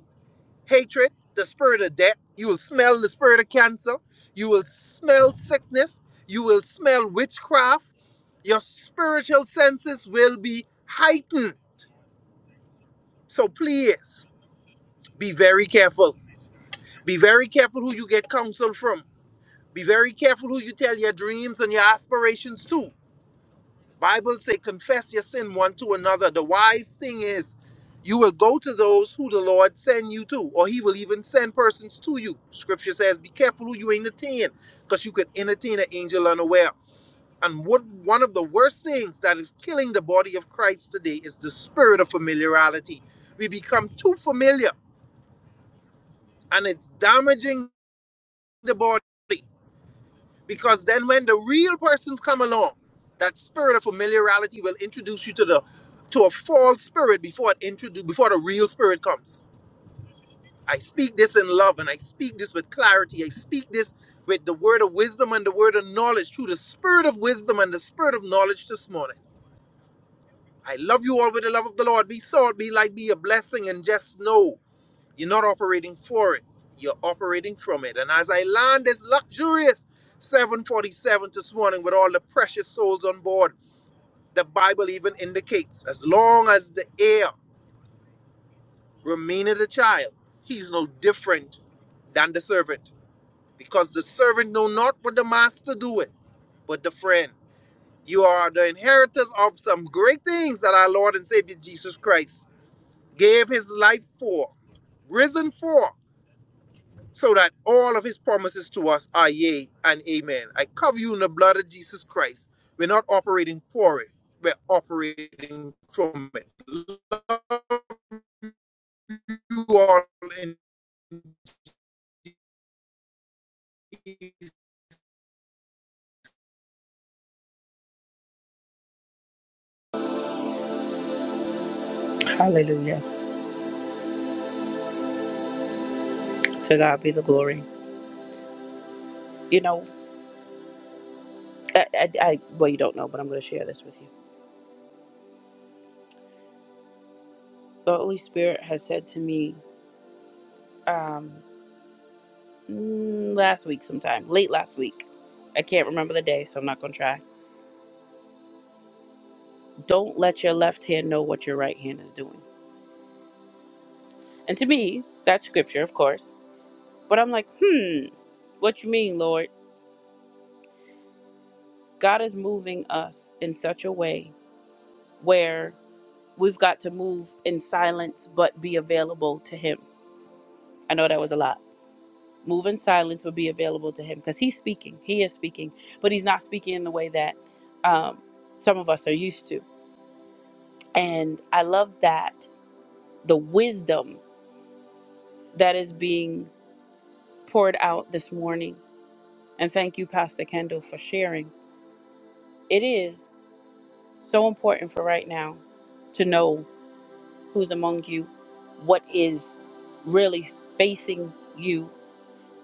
S3: hatred, the spirit of death. You will smell the spirit of cancer. You will smell sickness. You will smell witchcraft. Your spiritual senses will be heightened. So please be very careful. Be very careful who you get counsel from. Be very careful who you tell your dreams and your aspirations to. Bible say, confess your sin one to another. The wise thing is, you will go to those who the Lord send you to, or He will even send persons to you. Scripture says, be careful who you entertain, because you could entertain an angel unaware. And what one of the worst things that is killing the body of Christ today is the spirit of familiarity. We become too familiar, and it's damaging the body. Because then when the real persons come along, that spirit of familiarity will introduce you to the to a false spirit before it introduce before the real spirit comes. I speak this in love and I speak this with clarity. I speak this with the word of wisdom and the word of knowledge through the spirit of wisdom and the spirit of knowledge this morning. I love you all with the love of the Lord. Be salt, be light, be a blessing, and just know you're not operating for it. You're operating from it. And as I land this luxurious 747 this morning with all the precious souls on board, the Bible even indicates as long as the heir remaineth a child, he's no different than the servant. Because the servant know not what the master doeth, but the friend. You are the inheritors of some great things that our Lord and Savior Jesus Christ gave his life for, risen for. so that all of his promises to us are yea and amen. I cover you in the blood of Jesus Christ. We're not operating for it, we're operating from it. Love you all in
S1: Hallelujah. To God be the glory. You know, I, I, I well, you don't know, but I'm going to share this with you. The Holy Spirit has said to me, um, mm, last week sometime, late last week. I can't remember the day, so I'm not going to try. Don't let your left hand know what your right hand is doing. And to me, that's scripture, of course. But I'm like, hmm, what you mean, Lord? God is moving us in such a way where we've got to move in silence but be available to Him. I know that was a lot. Move in silence but be available to Him because He's speaking. He is speaking, but He's not speaking in the way that um, some of us are used to. And I love that the wisdom that is being poured out this morning. And thank you, Pastor Kendall, for sharing. It is so important for right now to know who's among you, what is really facing you,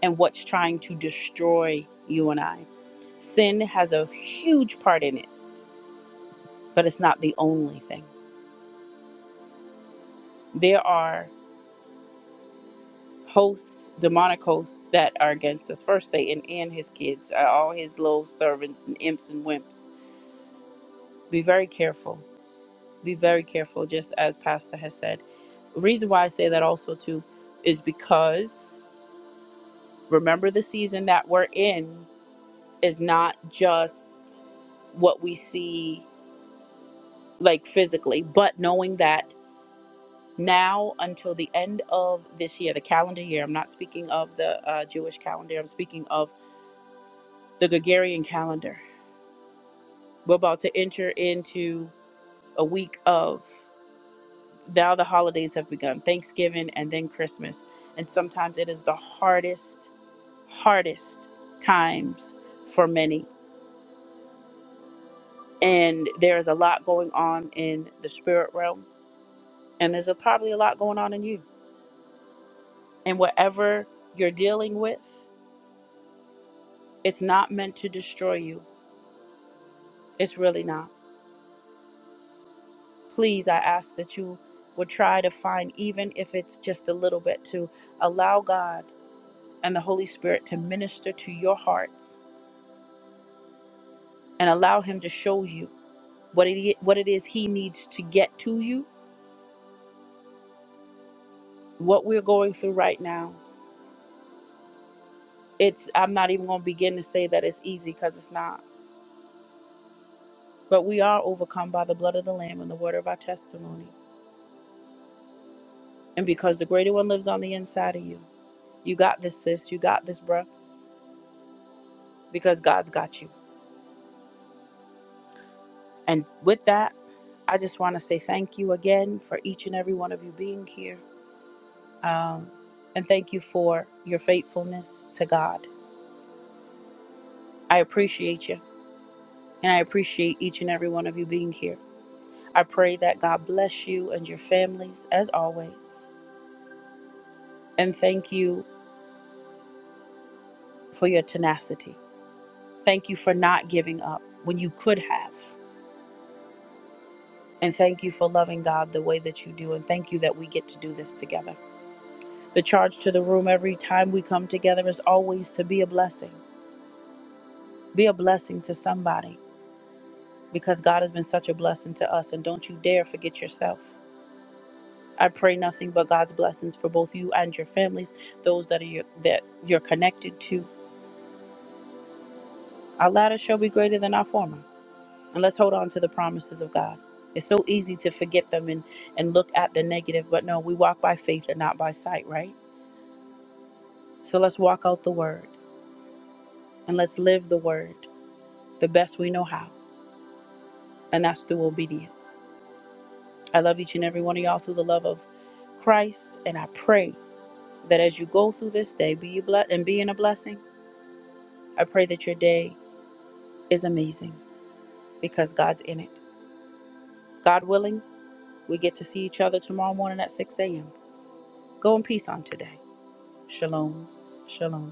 S1: and what's trying to destroy you and I. Sin has a huge part in it, but it's not the only thing. There are hosts, demonic hosts, that are against us. First, Satan and his kids, uh, all his little servants and imps and wimps Be very careful. Be very careful, just as Pastor has said. Reason why I say that also too is because remember the season that we're in is not just what we see like physically, but knowing that now until the end of this year, the calendar year, I'm not speaking of the uh, Jewish calendar, I'm speaking of the Gregorian calendar. We're about to enter into a week of. Now the holidays have begun Thanksgiving and then Christmas. And sometimes it is the hardest, hardest times for many. And there is a lot going on in the spirit realm. And there's a, probably a lot going on in you. And whatever you're dealing with, it's not meant to destroy you. It's really not. Please, I ask that you would try to find, even if it's just a little bit, to allow God and the Holy Spirit to minister to your hearts and allow Him to show you what it i- what it is he needs to get to you what we're going through right now it's i'm not even going to begin to say that it's easy because it's not but we are overcome by the blood of the lamb and the word of our testimony and because the greater one lives on the inside of you you got this sis you got this bruh because god's got you and with that i just want to say thank you again for each and every one of you being here um, and thank you for your faithfulness to god i appreciate you and i appreciate each and every one of you being here I pray that God bless you and your families as always. And thank you for your tenacity. Thank you for not giving up when you could have. And thank you for loving God the way that you do. And thank you that we get to do this together. The charge to the room every time we come together is always to be a blessing. Be a blessing to somebody because God has been such a blessing to us. And don't you dare forget yourself. I pray nothing but God's blessings for both you and your families, those that are your, that you're connected to, Our latter shall be greater than our former. And let's hold on to the promises of God. It's so easy to forget them and, and look at the negative, but no, we walk by faith and not by sight, right? So let's walk out the word and let's live the word the best we know how, and that's through obedience. I love each and every one of y'all through the love of Christ, and I pray that as you go through this day, be you blessed and be in a blessing. I pray that your day is amazing because God's in it. God willing, we get to see each other tomorrow morning at 6 a.m. Go in peace on today. Shalom. Shalom.